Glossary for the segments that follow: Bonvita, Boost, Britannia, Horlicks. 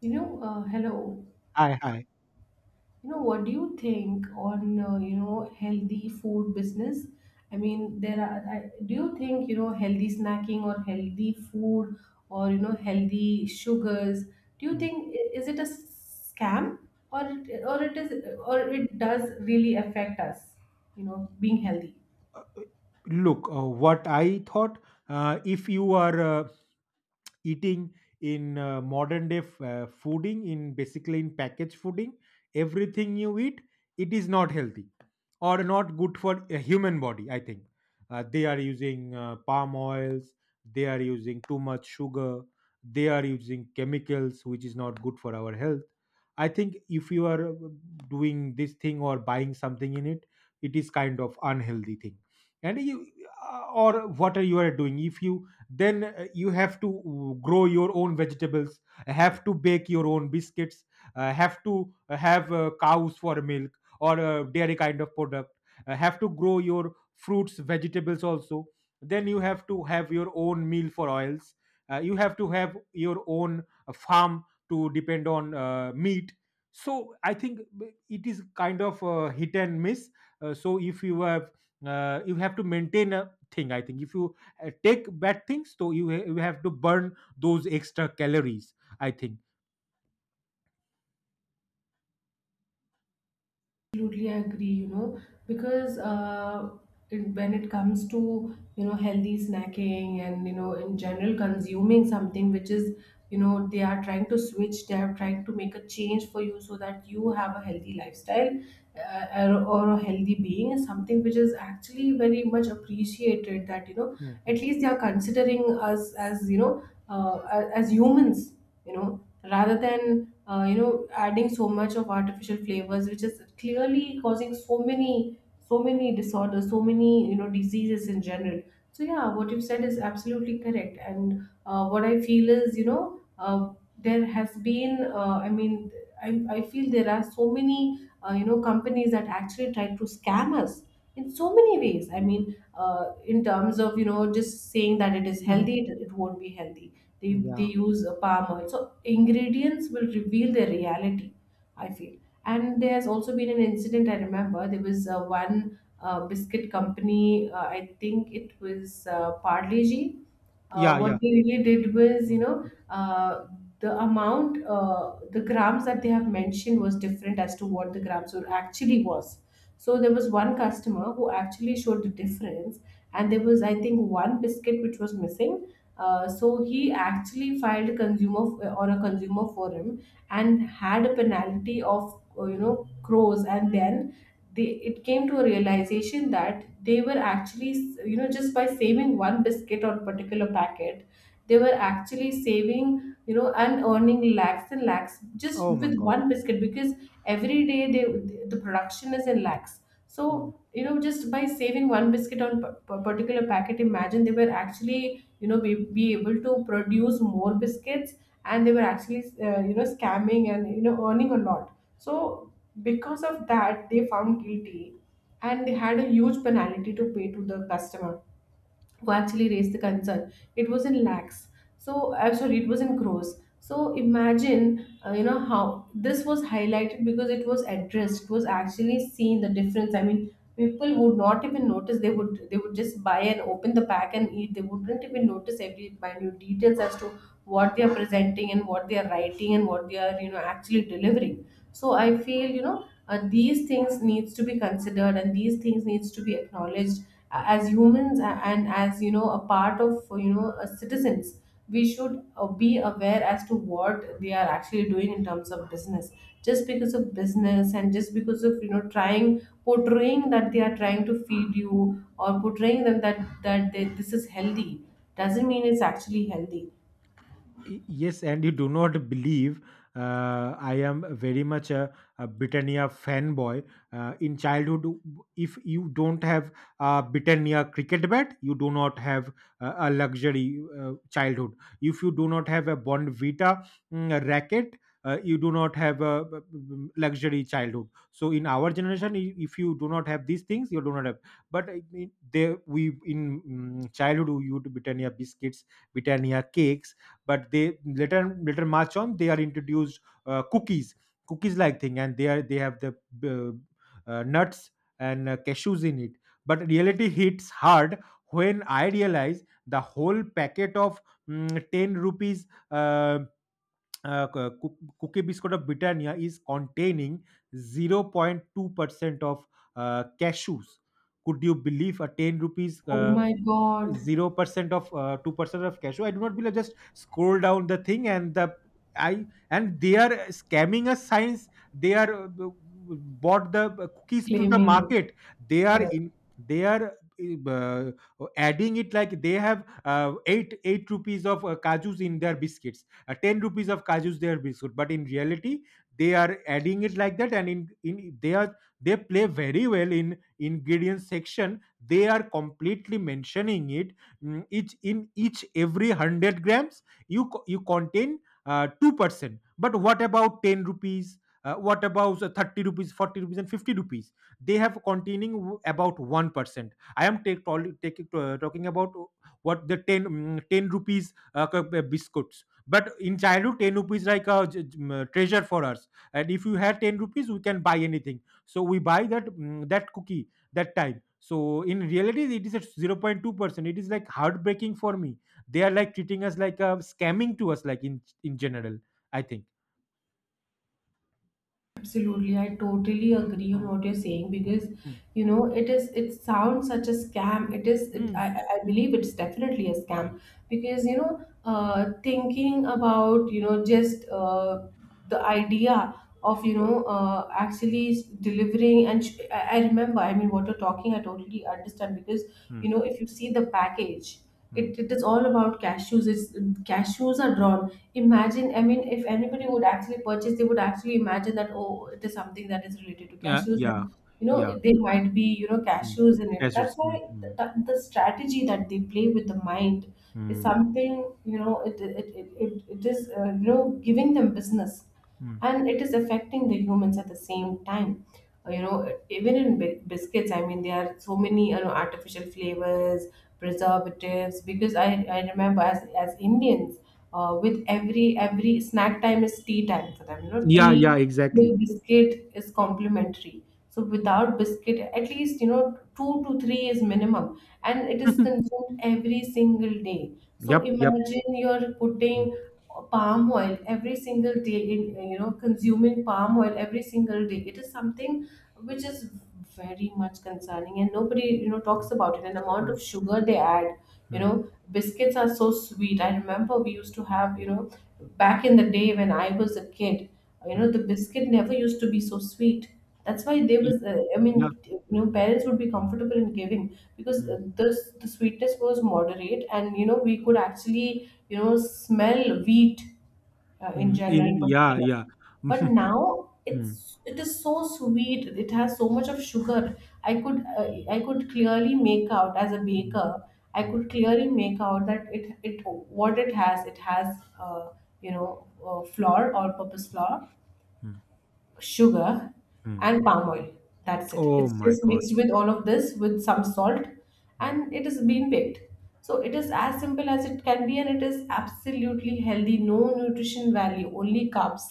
Hello. Hi, hi. What do you think on healthy food business? I mean, there are. Do you think healthy snacking or healthy food or healthy sugars? Do you Mm. think is it a scam, or it, or it is or it does really affect us? Being healthy. Look, what I thought, if you are eating in modern day fooding, in basically in packaged fooding, everything you eat, it is not healthy or not good for a human body, I think. They are using palm oils, they are using too much sugar, they are using chemicals which is not good for our health. I think if you are doing this thing or buying something in it, it is kind of unhealthy thing. And you, or what are you are doing? If you, then you have to grow your own vegetables, have to bake your own biscuits, have to have cows for milk, or dairy kind of product, have to grow your fruits vegetables also. Then you have to have your own meal for oils, you have to have your own farm to depend on meat. So I think it is kind of hit and miss. So if you have, you have to maintain a thing, I think. If you take bad things, so you, you have to burn those extra calories, I think. Absolutely agree, because when it comes to, healthy snacking and, in general consuming something which is, they are trying to switch, they are trying to make a change for you so that you have a healthy lifestyle, or a healthy being is something which is actually very much appreciated. That, at Mhm. least they are considering us as, as humans, you know, rather than adding so much of artificial flavors, which is clearly causing so many disorders, so many diseases in general. So yeah, what you said is absolutely correct. And what I feel is, there has been, I mean, I feel there are so many companies that actually try to scam us in so many ways. I mean, in terms of, just saying that it is Mhm. healthy, it won't be healthy. They Yeah. use a palm oil, so ingredients will reveal their reality, I feel. And there has also been an incident, I remember. There was one biscuit company. I think it was parle g Yeah. Yeah. What they really did was, Mm. The amount, the grams that they have mentioned was different as to what the grams were actually was. So there was one customer who actually showed the difference, and there was, I think, one biscuit which was missing. So he actually filed a consumer or a consumer forum, and had a penalty of, crores. And then they it came to a realization that they were actually, just by saving one biscuit or particular packet, they were actually saving, and earning lakhs and lakhs just Oh my with God. one biscuit. Because every day they, the production is in lakhs. So, just by saving one biscuit on particular packet, imagine they were actually, be able to produce more biscuits. And they were actually, scamming and, earning a lot. So, because of that, they found guilty, and they had a huge penalty to pay to the customer who actually raised the concern. It was in lakhs. So I'm sorry, it was in crores. So imagine, how this was highlighted, because it was addressed. It was actually seen the difference. I mean, people would not even notice. They would, just buy and open the pack and eat. They wouldn't even notice every minute details as to what they are presenting, and what they are writing, and what they are actually delivering. So I feel, these things needs to be considered, and these things needs to be acknowledged. As humans, and as, a part of, citizens, we should be aware as to what they are actually doing in terms of business. Just because of business and just because of, trying, portraying that they are trying to feed you, or portraying them that they, this is healthy, doesn't mean it's actually healthy. Yes, and you do not believe. I am very much a Britannia fanboy. In childhood, if you don't have a Britannia cricket bat, you do not have a luxury childhood. If you do not have a Bonvita, racket, you do not have a luxury childhood. So in our generation, if you do not have these things, you do not have. But I mean, they we in childhood you used Britannia biscuits, Britannia cakes. But they later march on they are introduced cookies, like thing, and they have the nuts, and cashews in it. But reality hits hard when I realize the whole packet of 10 rupees cookie biscuit of Britannia is containing 0.2% of cashews. Could you believe a 10 rupees Oh my god. 0% of 2% of cash flow? I do not believe, just scroll down the thing. And the, I and they are scamming us science. They are bought the cookies to the Claiming. market. they are Correct. in they are uh, adding it like they have 8 rupees of kajus in their biscuits, 10 rupees of kajus their biscuit. But in reality, they are adding it like that. And in they are, they play very well in ingredients section, they are completely mentioning it. Each in each every 100 grams, you you contain 2%. But what about 10 rupees? What about 30 rupees, 40 rupees, and 50 rupees? They have containing, about 1%. I am talking about what the 10 rupees biscuits, but in childhood 10 rupees like a treasure for us. And if you have 10 rupees, we can buy anything. So we buy that cookie that time. So in reality, it is at 0.2%. It is like heartbreaking for me. They are like treating us like a scamming to us, like in general, I think. Absolutely, I totally agree on Mm, what you're saying, because mm, it sounds such a scam. I, mm. I I believe it's definitely a scam, because thinking about, you know just the idea of, Mm, actually delivering and I remember. I mean, what you're talking, I totally understand, because mm, if you see the package, mm. It is all about cashews. Cashews are drawn. Imagine, I mean, if anybody would actually purchase, they would actually imagine that, oh, it is something that is related to Yeah, cashews. yeah, And, yeah. they might be, Mm. cashews in it. Yes, That's yes. Mm, why mm, the strategy that they play with the mind is mm, something, it is, giving them business, mm. and it is affecting the humans at the same time. Uh, you know even in biscuits, I mean, there are so many artificial flavors, preservatives. Because I remember, as Indians, with every snack time is tea time for them. You know, Yeah, tea yeah, with exactly. biscuit is complimentary, so without biscuit at least, two to three is minimum. And it is consumed every single day. So Yep, yep. imagine, you're Mm, putting palm oil every single day in, consuming palm oil every single day. It is something which is very much concerning, and nobody talks mm. about it. And amount of Nice. sugar they add. you Mm, know biscuits are so sweet. I remember we used to have, back in the day when I was a kid, mm. the biscuit never used to be so sweet. That's why they was, I mean, Yeah. Parents would be comfortable in giving, because Mm, this the sweetness was moderate. And we could actually, smell wheat, in mm. general in Yeah, particular. yeah. But now, Mm, it is so sweet, it has so much of sugar. i could uh, I could clearly make out as a mm, baker, I could mm, clearly make out that it what it has, it has uh, you know flour, all purpose flour, mm, sugar, mm. and palm oil. That's it. Oh It's my just God. mixed with all of this with some salt, Mm. and it is being baked. So it is as simple as it can be, and it is absolutely healthy, no nutrition value, only carbs,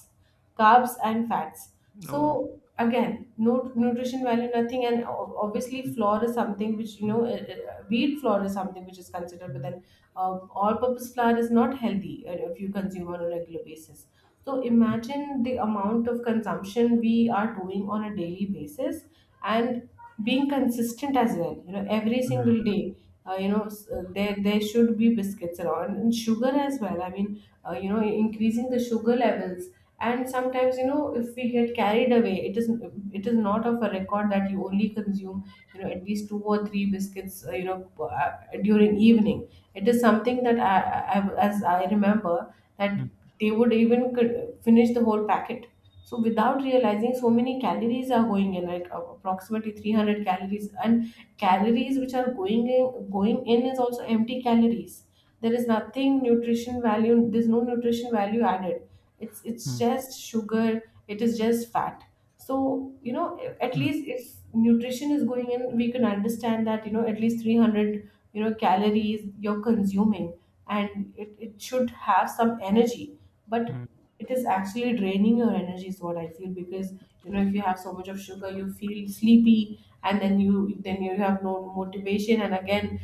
carbs and fats. Oh. So again, no nutrition value, nothing, and obviously flour is something which, Mm, wheat flour is something which is considered, but mm. then, all-purpose flour is not healthy, if you consume on a regular basis. So imagine the amount of consumption we are doing on a daily basis, and being consistent as well. Every single Mm, day, there should be biscuits around, and sugar as well. I mean, increasing the sugar levels. And sometimes, if we get carried away, it is not of a record that you only consume, at least two or three biscuits, during evening. It is something that, as I remember, that mm, they would even finish the whole packet. So without realizing, so many calories are going in, like approximately 300 calories. And calories which are going in, is also empty calories. There is nothing nutrition value, there's no nutrition value added. It's mm, just sugar, it is just fat. So, at mm, least if nutrition is going in, we can understand that, at least 300 calories you're consuming, and it should have some energy. But mm, it is actually draining your energy, is what I feel. Because, if you have so much of sugar, you feel sleepy, and then you have no motivation. And again,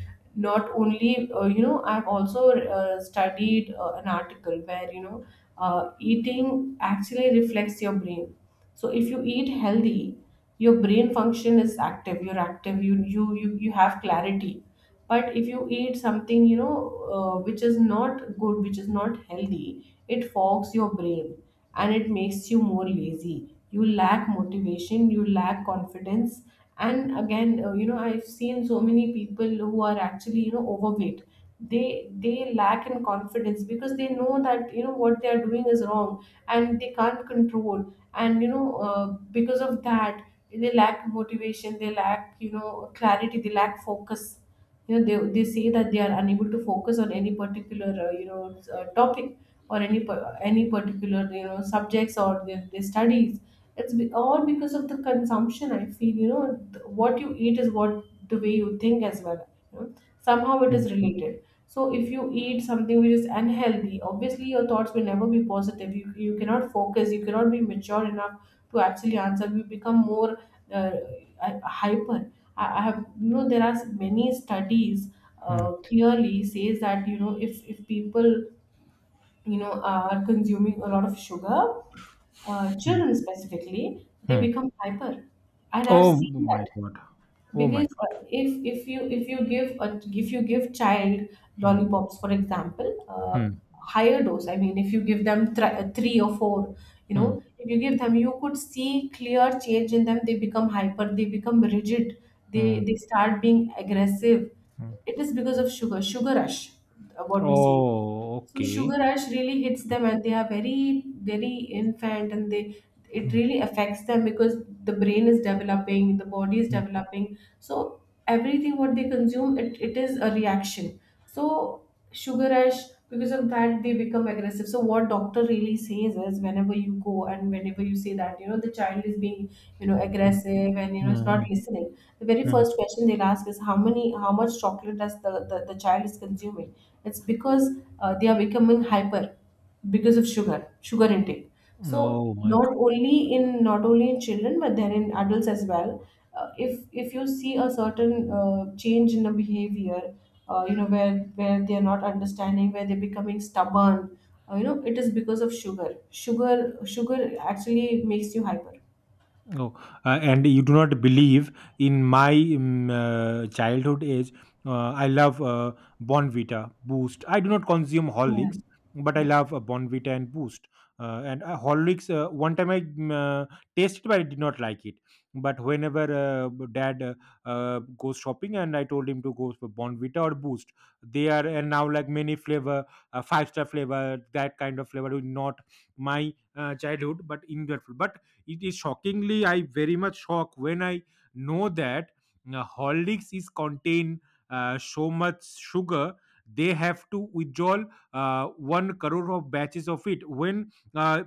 not only, I've also studied an article where, eating actually reflects your brain. So if you eat healthy, your brain function is active, you're active, you have clarity. But if you eat something, which is not good, which is not healthy, it fogs your brain, and it makes you more lazy, you lack motivation, you lack confidence. And again, I've seen so many people who are actually, overweight. They lack in confidence, because they know that, what they are doing is wrong, and they can't control. And, because of that, they lack motivation, they lack, clarity, they lack focus. They say that they are unable to focus on any particular, topic, or any any particular, subjects, or their studies. All because of the consumption, I feel. What you eat is what, the way you think as well, you know? Somehow it mm, is related. So if you eat something which is unhealthy, obviously your thoughts will never be positive, you cannot focus, you cannot be mature enough to actually answer. You become more uh, hyper. I have, you know, there are many studies mm, clearly says that, you know, if people, you know, are consuming a lot of sugar, mm, children specifically, they mm. become hyper. And I've Oh seen my that. god. Oh my Because god. If you give child Mm, lollipops, for example, uh, mm, higher dose. I mean, if you give them three or four, you mm, know, if you give them, you could see clear change in them. They become hyper, they become rigid. mm, They start being aggressive. mm. It is because of sugar rush, what we say. So Okay. sugar rush really hits them, and they are very very infant, and they it Mm, really affects them because the brain is developing, the body is mm, developing. So everything what they consume, it is a reaction. So sugar rush, because of that, they become aggressive. So what doctor really says is whenever you go and whenever you say that, you know, the child is being, you know, mm, aggressive, and you mm, know it's not mm. listening, the very first question they'll ask is how much chocolate does the child is consuming. It's because they are becoming hyper because of sugar intake. So Oh my not only in children but then in adults as well. If you see a certain change in the behavior, you know, where they are not understanding, where they're becoming stubborn. You know, it is because of sugar. Sugar actually makes you hyper. Oh, and you do not believe in my childhood age. I love Bonvita, Boost. I do not consume Yeah, Horlicks, but I yeah. love Bonvita and Boost. And Horlicks, one time I tasted, but I did not like it. But whenever Dad goes shopping, and I told him to go for Bonvita or Boost, they are, and now like many flavor, five-star flavor, that kind of flavor, not my childhood, but in that, it is shockingly, I very much shocked when I know that Horlicks is contain so much sugar. They have to withdraw uh, 1 crore of batches of it, when uh,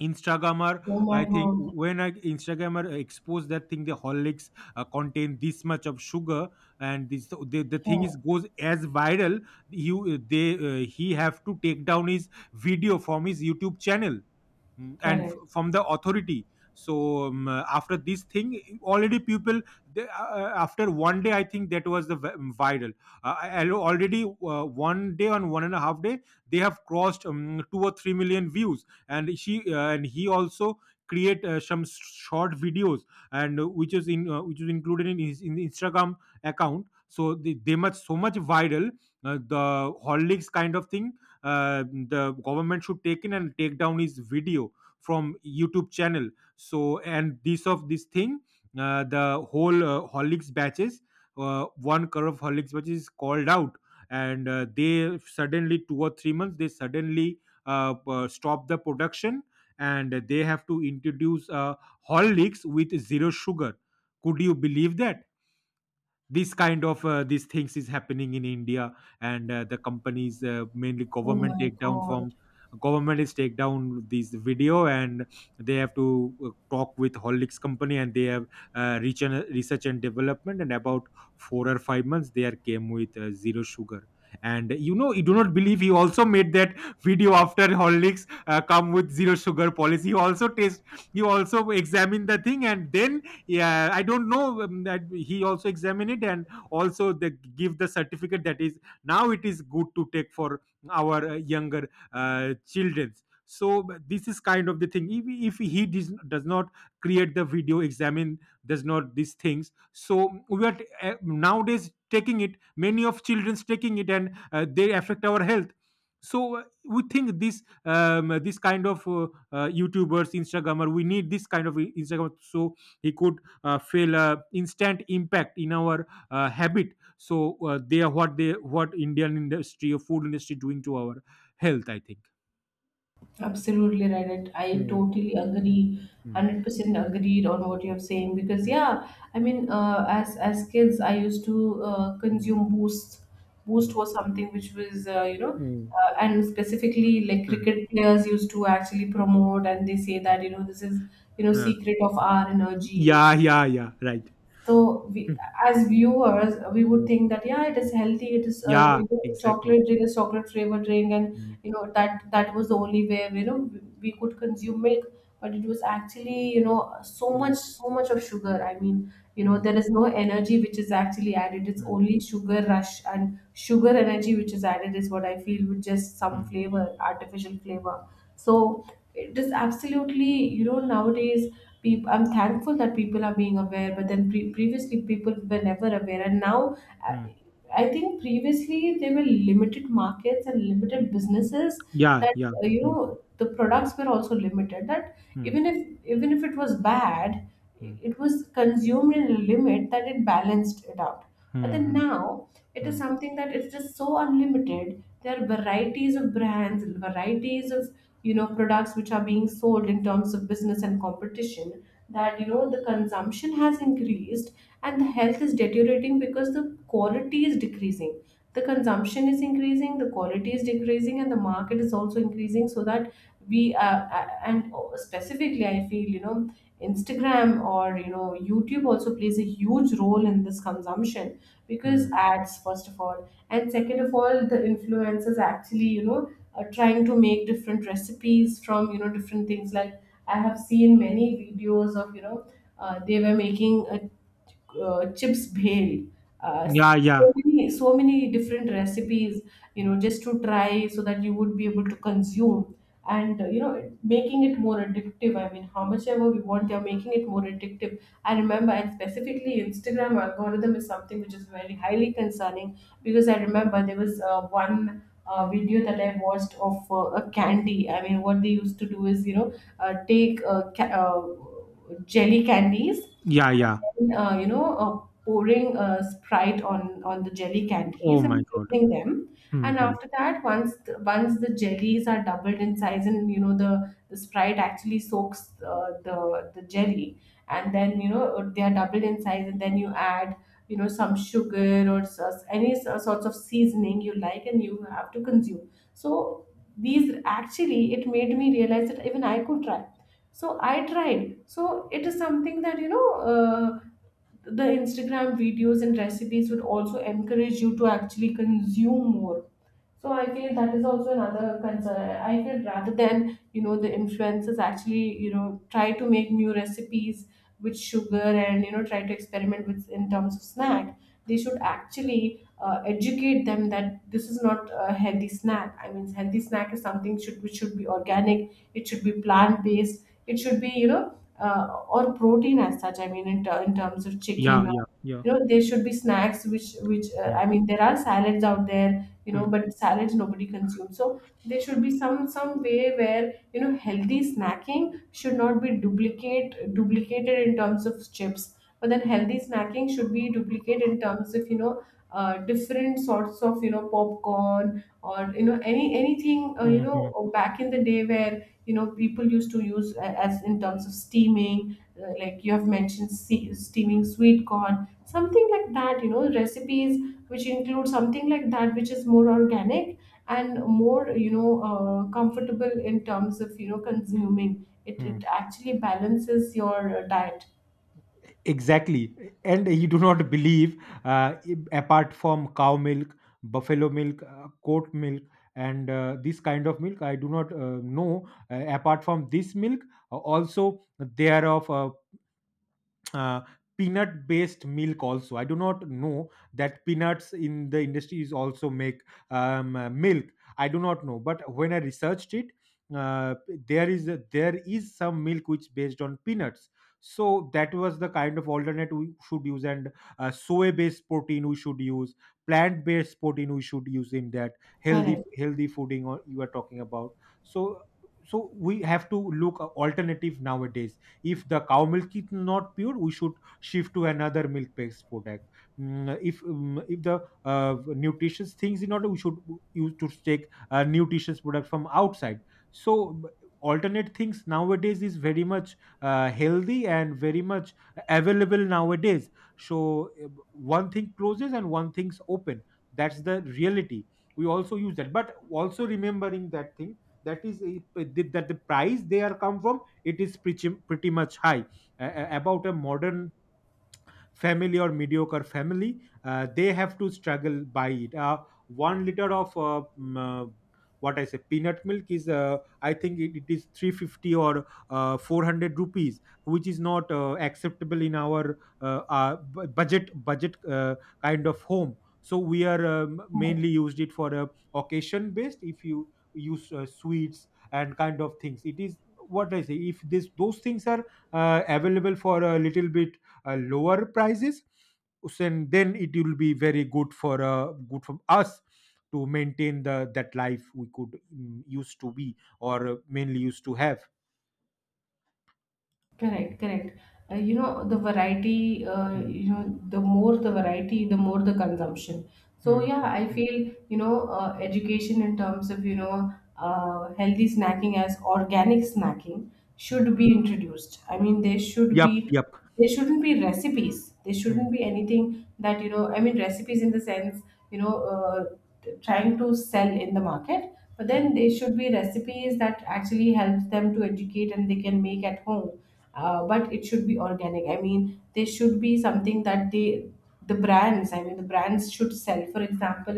instagrammer, Oh my I think, god. when I instagrammer exposed that thing, the Horlicks contain this much of sugar. And this, the thing is Yeah. goes as viral. You they He have to take down his video from his YouTube channel. Mm, and Correct. from the authority. So after this thing, already people, after one day, I think that was the viral. I already one day on 1.5 day, they have crossed 2 or 3 million views. And she uh, and he also create some short videos, and which is included in the Instagram account. So they much so much viral, the Horlicks kind of thing. The government should take in and take down his video from YouTube channel. So, and this of this thing, the whole Horlicks batches, one curve of Horlicks batches is called out. And they suddenly 2 or 3 months, they suddenly stop the production, and they have to introduce Horlicks with zero sugar. Could you believe that this kind of these things is happening in India? And the companies, mainly Oh government, my take down god. from, government is take down this video. And they have to talk with Horlicks company, and they have research and development, and about 4 or 5 months they are came with zero sugar. And you know, you do not believe, he also made that video after Horlicks come with zero sugar policy. He also examined the thing, and then, yeah, I don't know that he also examined it. And also they give the certificate that is, now it is good to take for our younger children's. So this is kind of the thing, if he does not create the video examine, does not these things, so we are nowadays taking it, many of children's taking it, and they affect our health. So we think this this kind of youtubers instagrammer, we need this kind of Instagram. So he could feel instant impact in our habit. So they are what they what Indian industry or food industry doing to our health, I think. Absolutely right. And I Mm, totally mm. agree. Mm. 100% agreed on what you're saying, because yeah, I mean, as kids, I used to Mm, consume Boost. Boost mm, was something which was, you know, mm, and specifically like mm. cricket players used to actually promote, and they say that, you know, this is, you know, Uh, uh, secret of our energy. yeah, yeah, yeah, right. So we, as viewers, we would Mm, think that yeah, it is healthy. It is, yeah, you know, exactly. chocolate drink, is chocolate flavored drink, and Mm, you know that that was the only way, you know, we could consume milk. But it was actually, you know, so mm, much so much of sugar. I mean, you know mm, there is no energy which is actually added. It's mm, only sugar rush and sugar energy which is added is what I feel, with just some mm, flavor, artificial flavor. So it is absolutely, you know, nowadays, peop I'm thankful that people are being aware, but then previously people were never aware, and now I mm. I think previously there were limited markets and limited businesses, Yeah, that yeah. You Mm, know, the products were also limited. That mm, even if even if it was bad, mm, it was consumed in a limit that it balanced it out. But mm, then mm, now it is mm, something that is just so unlimited. There are varieties of brands and varieties of, you know, products which are being sold in terms of business and competition, that, you know, the consumption has increased, and the health is deteriorating because the quality is decreasing, the consumption is increasing, the quality is decreasing, and the market is also increasing. So that we, and specifically I feel, you know, Instagram or, you know, YouTube also plays a huge role in this consumption, because mm. ads first of all, and second of all the influencers actually, you know, are trying to make different recipes from, you know, different things. Like I have seen many videos of, you know, they were making a chips bhel, uh, Yeah, so yeah, many so many different recipes, you know, just to try so that you would be able to consume. And you know, making it more addictive. I mean, how much ever we want, they are making it more addictive. I remember, and specifically Instagram algorithm is something which is very highly concerning, because I remember there was one video that I watched of a candy. I mean, what they used to do is, you know, take jelly candies, yeah, yeah. and then, you know, pouring Sprite on the jelly Oh candies my and god. freezing them. And Mhm. after that, once the jellies are doubled in size, and you know the Sprite actually soaks, the jelly, and then, you know, they are doubled in size, and then you add, you know, some sugar or any sorts of seasoning you like, and you have to consume. So these, actually it made me realize that even I could try. So I tried. So it is something that, you know, the Instagram videos and recipes would also encourage you to actually consume more. So I feel that is also another concern. I feel rather than, you know, the influencers actually, you know, try to make new recipes with sugar, and, you know, try to experiment with in terms of snack, they should actually educate them that this is not a healthy snack. I mean, healthy snack is something should which should be organic. It should be plant based. It should be, you know, or protein as such. I mean, in terms of Yeah, chicken or, yeah, yeah. you know, there should be snacks which Mm, I mean, there are salads out there, you know, but salads nobody consumes. So there should be some way where, you know, healthy snacking should not be duplicated in terms of chips, but then healthy snacking should be duplicated in terms of, you know, different sorts of, you know, popcorn or, you know, anything, you mm, know, mm. Back in the day where, you know, people used to use as in terms of steaming, like you have mentioned steaming sweet corn, something like that, you know, recipes which includes something like that, which is more organic and more, you know, comfortable in terms of, you know, consuming Hmm. it actually balances your diet. Exactly. And you do not believe, apart from cow milk, buffalo milk, goat milk, and this kind of milk, I do not know. Apart from this milk, also there of uh, peanut based milk, also I do not know that peanuts in the industry is also make milk. I do not know, but when I researched it, uh, there is there is some milk which based on peanuts. So that was the kind of alternate we should use. And soy based protein we should use, plant based protein we should use in that healthy Correct. Fooding, or you are talking about. So so we have to look a alternative nowadays. If the cow milk is not pure, we should shift to another milk based product. If the nutritious things in order, we should use to take nutritious product from outside. So alternate things nowadays is very much healthy, and very much available nowadays. So one thing closes and one thing's open. That's the reality. We also use that, but also remembering that thing, that is that the price they are come from, it is pretty, pretty much high. About a modern family or mediocre family, they have to struggle by it. 1 liter of what I say peanut milk is I think it is 350 or 400 rupees, which is not acceptable in our budget kind of home. So we are mainly Correct. used it for a occasion based. If you use sweets and kind of things, it is what I say. If this those things are available for a little bit lower prices, so and then it will be very good for us to maintain the that life we could, used to be, or mainly used to have. Correct. Correct. You know, the variety, Mm, you know, the more the variety, the more the consumption. So mm, yeah, mm, I mm, feel, you know, education in terms of, you know, healthy snacking as organic snacking mm. should be introduced. I mean, Yep, yep. there shouldn't be recipes, there Mm, shouldn't be anything that, you know, I mean recipes in the sense, you know, trying to sell in the market, but mm. then there should be recipes that actually helps them to educate, and they can make at home. But it should be organic. I mean, there should be something that the brands, I mean, the brands should sell, for example.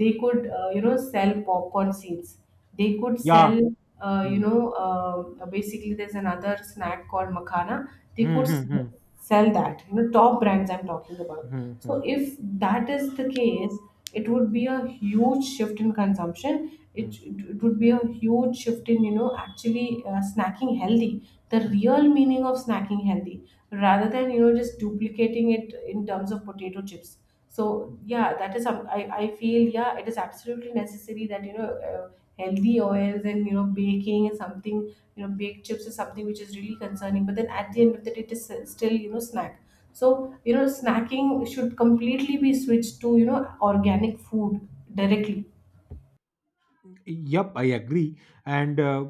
They could, you know, sell popcorn seeds. They could Yeah. sell, you Mm, know, basically there's another snack called Makhana. They mm, could mm, mm, sell that, you know, top brands I'm talking about. mm, So mm, if that is the case, it would be a huge shift in consumption. It, mm, it it would be a huge shift in, you know, actually snacking healthy, the mm. real meaning of snacking healthy, rather than, you know, just duplicating it in terms of potato chips. So yeah, that is some, I feel. Yeah, it is absolutely necessary that, you know, healthy oils, and you know baking is something, you know, baked chips is something which is really concerning, but then at the end of the day it is still, you know, snack. So, you know, snacking should completely be switched to, you know, organic food directly. Yep, I agree. And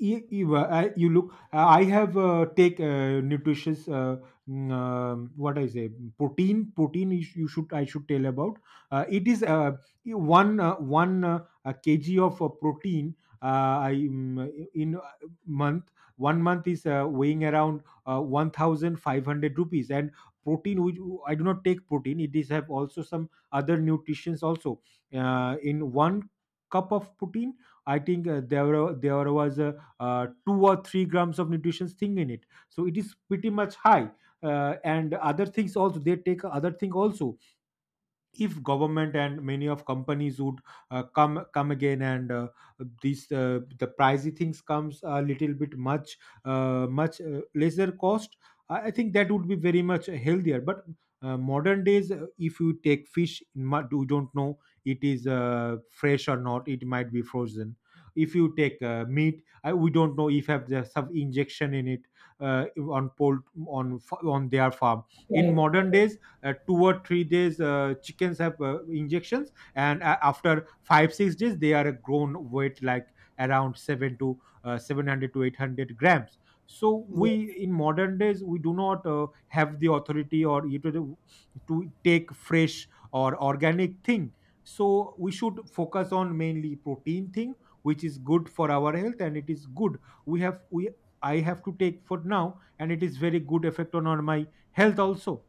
y- you look. I have take nutritious, what I say, protein. You, you should, I should tell about. It is one kg of protein. I, in month one month is weighing around 1500 rupees. And protein, which I do not take protein, it is have also some other nutritions also in one cup of protein, I think there was a, 2 or 3 grams of nutrition thing in it, so it is pretty much high. And other things also, they take other thing also if government and many of companies would come again and these, the pricey things comes a little bit much, much lesser cost. I think that would be very much healthier. But modern days, if you take fish, you don't know it is fresh or not, it might be frozen. If you take meat, I, we don't know if have the some injection in it, uh, on pol on fa- on their farm in Correct. modern days. 2 or 3 days, chickens have injections, and after 5 6 days, they are a grown weight like around seven to, 700 to 800 grams. So we, in modern days, we do not have the authority or you to take fresh or organic thing. So we should focus on mainly protein thing, which is good for our health, and it is good. We have we I have to take for now, and it is very good effect on my health also.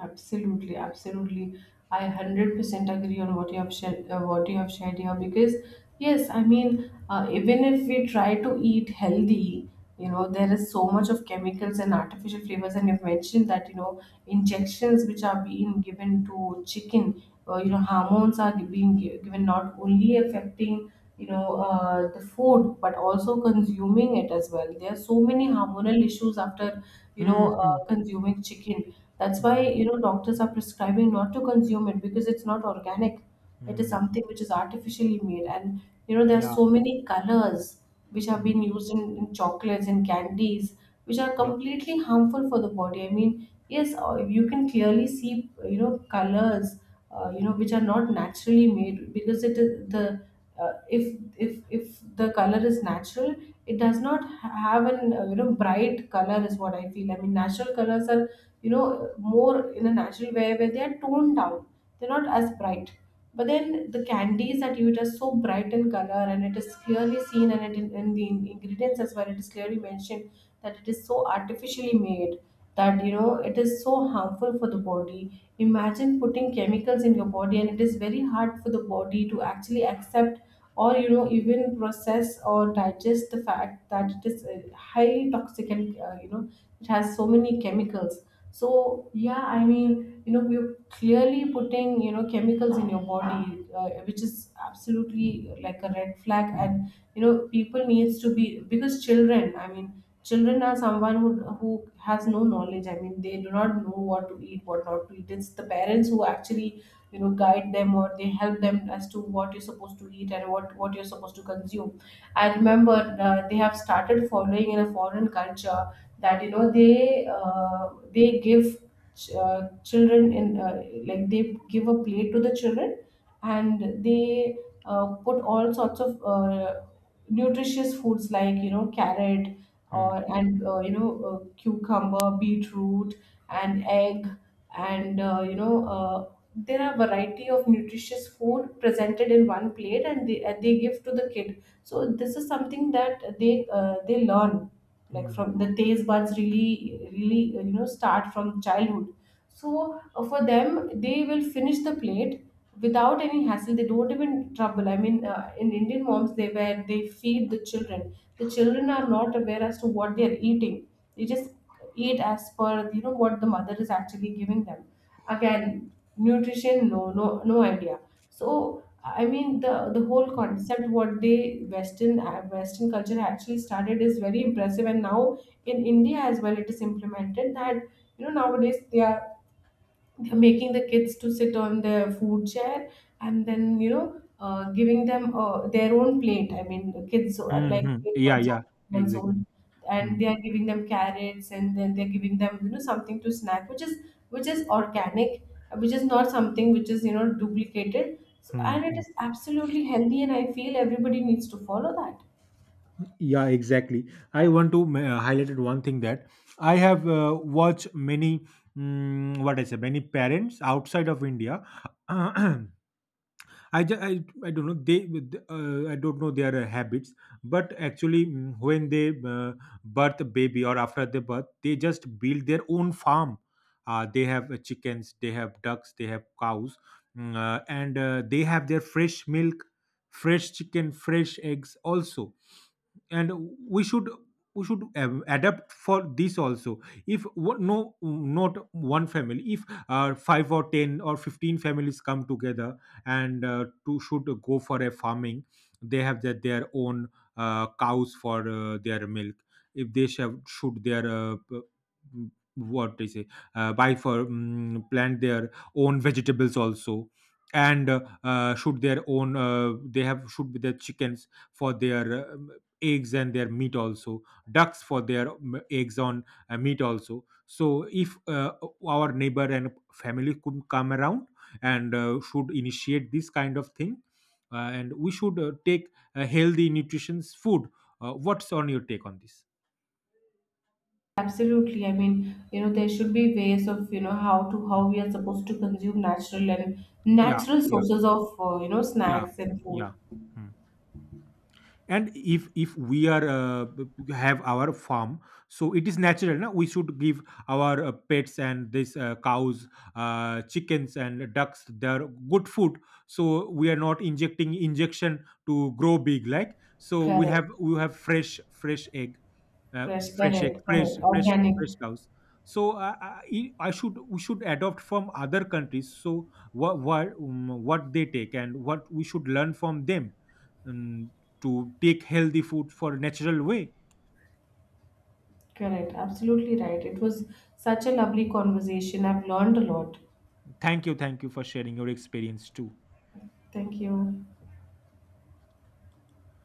Absolutely, absolutely. I 100% agree on what you have shared, what you have shared here, because yes, I mean, even if we try to eat healthy, you Mm. know, there is so much of chemicals and artificial flavors, and you've mentioned that, you know, injections which are being given to chicken, you Mm. know, hormones are being given, not only affecting, you know, the food, but also consuming it as well. There are so many hormonal issues after, you know, Mhm. consuming chicken. That's why, Mhm. you know, doctors are prescribing not to consume it because it's not organic. Mm. It is Mm. something which is artificially made, and you know, there are Yeah. so many colors which have Mm. been used in chocolates and candies, which are Yup. completely harmful for the body. I mean, yes, you can clearly see, you know, colors, you know, Mm. which are not naturally made, because it is the if the color is natural, it does not have an, you know, bright color, is what I feel. I mean, natural colors are, you know, more in a natural way where they are toned down. They're not as bright, but then the candies that you eat are so bright in color, and it is clearly seen, and it in the ingredients as well, it is clearly mentioned that it is so artificially made, that you know it is so harmful for the body. Imagine putting chemicals in your body, and it is very hard for the body to actually accept, or you know, even process or digest the fact that it is highly toxic, and you know, it has so many chemicals. So yeah, I mean, you know, we clearly putting, you know, chemicals in your body, which is absolutely like a red flag, and you know people needs to be, because children, I mean, children are someone who has no knowledge. I mean, they do not know what to eat, what not to eat. It's the parents who actually, you know, guide them, or they help them as to what you're supposed to eat, and what you're supposed to consume. I remember, they have started following in a foreign culture, that, you know, they give children in, like they give a plate to the children, and they put all sorts of nutritious foods, like, you know, carrot Mm. or, and, you know, cucumber, beetroot and egg, and you know, there are variety of nutritious food presented in one plate, and they give to the kid. So this is something that they learn, like Mm. from the taste buds, really really, you know, start from childhood. So for them, they will finish the plate without any hassle. They don't even trouble. I mean, in Indian moms, they where they feed the children. The children are not aware as to what they are eating. They just eat as per, you know, what the mother is actually giving them. Again, nutrition, no, no, no idea. So I mean, the whole concept what they, Western culture actually started, is very impressive, and now in India as well, it is implemented that, you know, nowadays they're making the kids to sit on their food chair, and then, you know, giving them, their own plate. I mean, the kids are like Mhm. eight Yeah, months old yeah. months old Exactly. and Mm. they are giving them carrots, and then they're giving them, you know, something to snack which is, which is organic, which is not something which is, you know, duplicated. So, and it Mhm. is absolutely healthy, and I feel everybody needs to follow that. Yeah, exactly. I want to highlight one thing that I have watched many, what I say, many parents outside of India. I don't know they, I don't know their habits, but actually, when they birth a baby or after the birth, they just build their own farm. They have chickens, they have ducks, they have cows, and they have their fresh milk, fresh chicken, fresh eggs also. And we should adapt for this also. If no, not one family, if 5 or 10 or 15 families come together and to should go for a farming. They have their own cows for their milk. If they shall should their what they say, buy for plant their own vegetables also, and shoot their own, they have should be their chickens for their um, eggs and their meat also, ducks for their eggs on meat also. So if our neighbor and family could come around and should initiate this kind of thing, and we should take healthy nutritious food. What's on your take on this? Absolutely. I mean, you know, there should be ways of, you know, how Mm. we are supposed to consume natural and Yeah, natural yeah, sources of, you know, yeah, snacks and food. yeah. Hmm. And if we are have our farm, so it is natural. Now we should give our pets and this, cows, chickens, and ducks their good food. So we are not injecting injection to grow big, like. So we Correct. have we have fresh egg. Fresh, correct, fresh correct. fresh Organic. fresh cows. So I should, we should adopt from other countries, so what what they take and what we should learn from them. Um, to take healthy food for natural way. Correct. Absolutely right. It was such a lovely conversation. I've learned a lot. Thank you, for sharing your experience too. Thank you.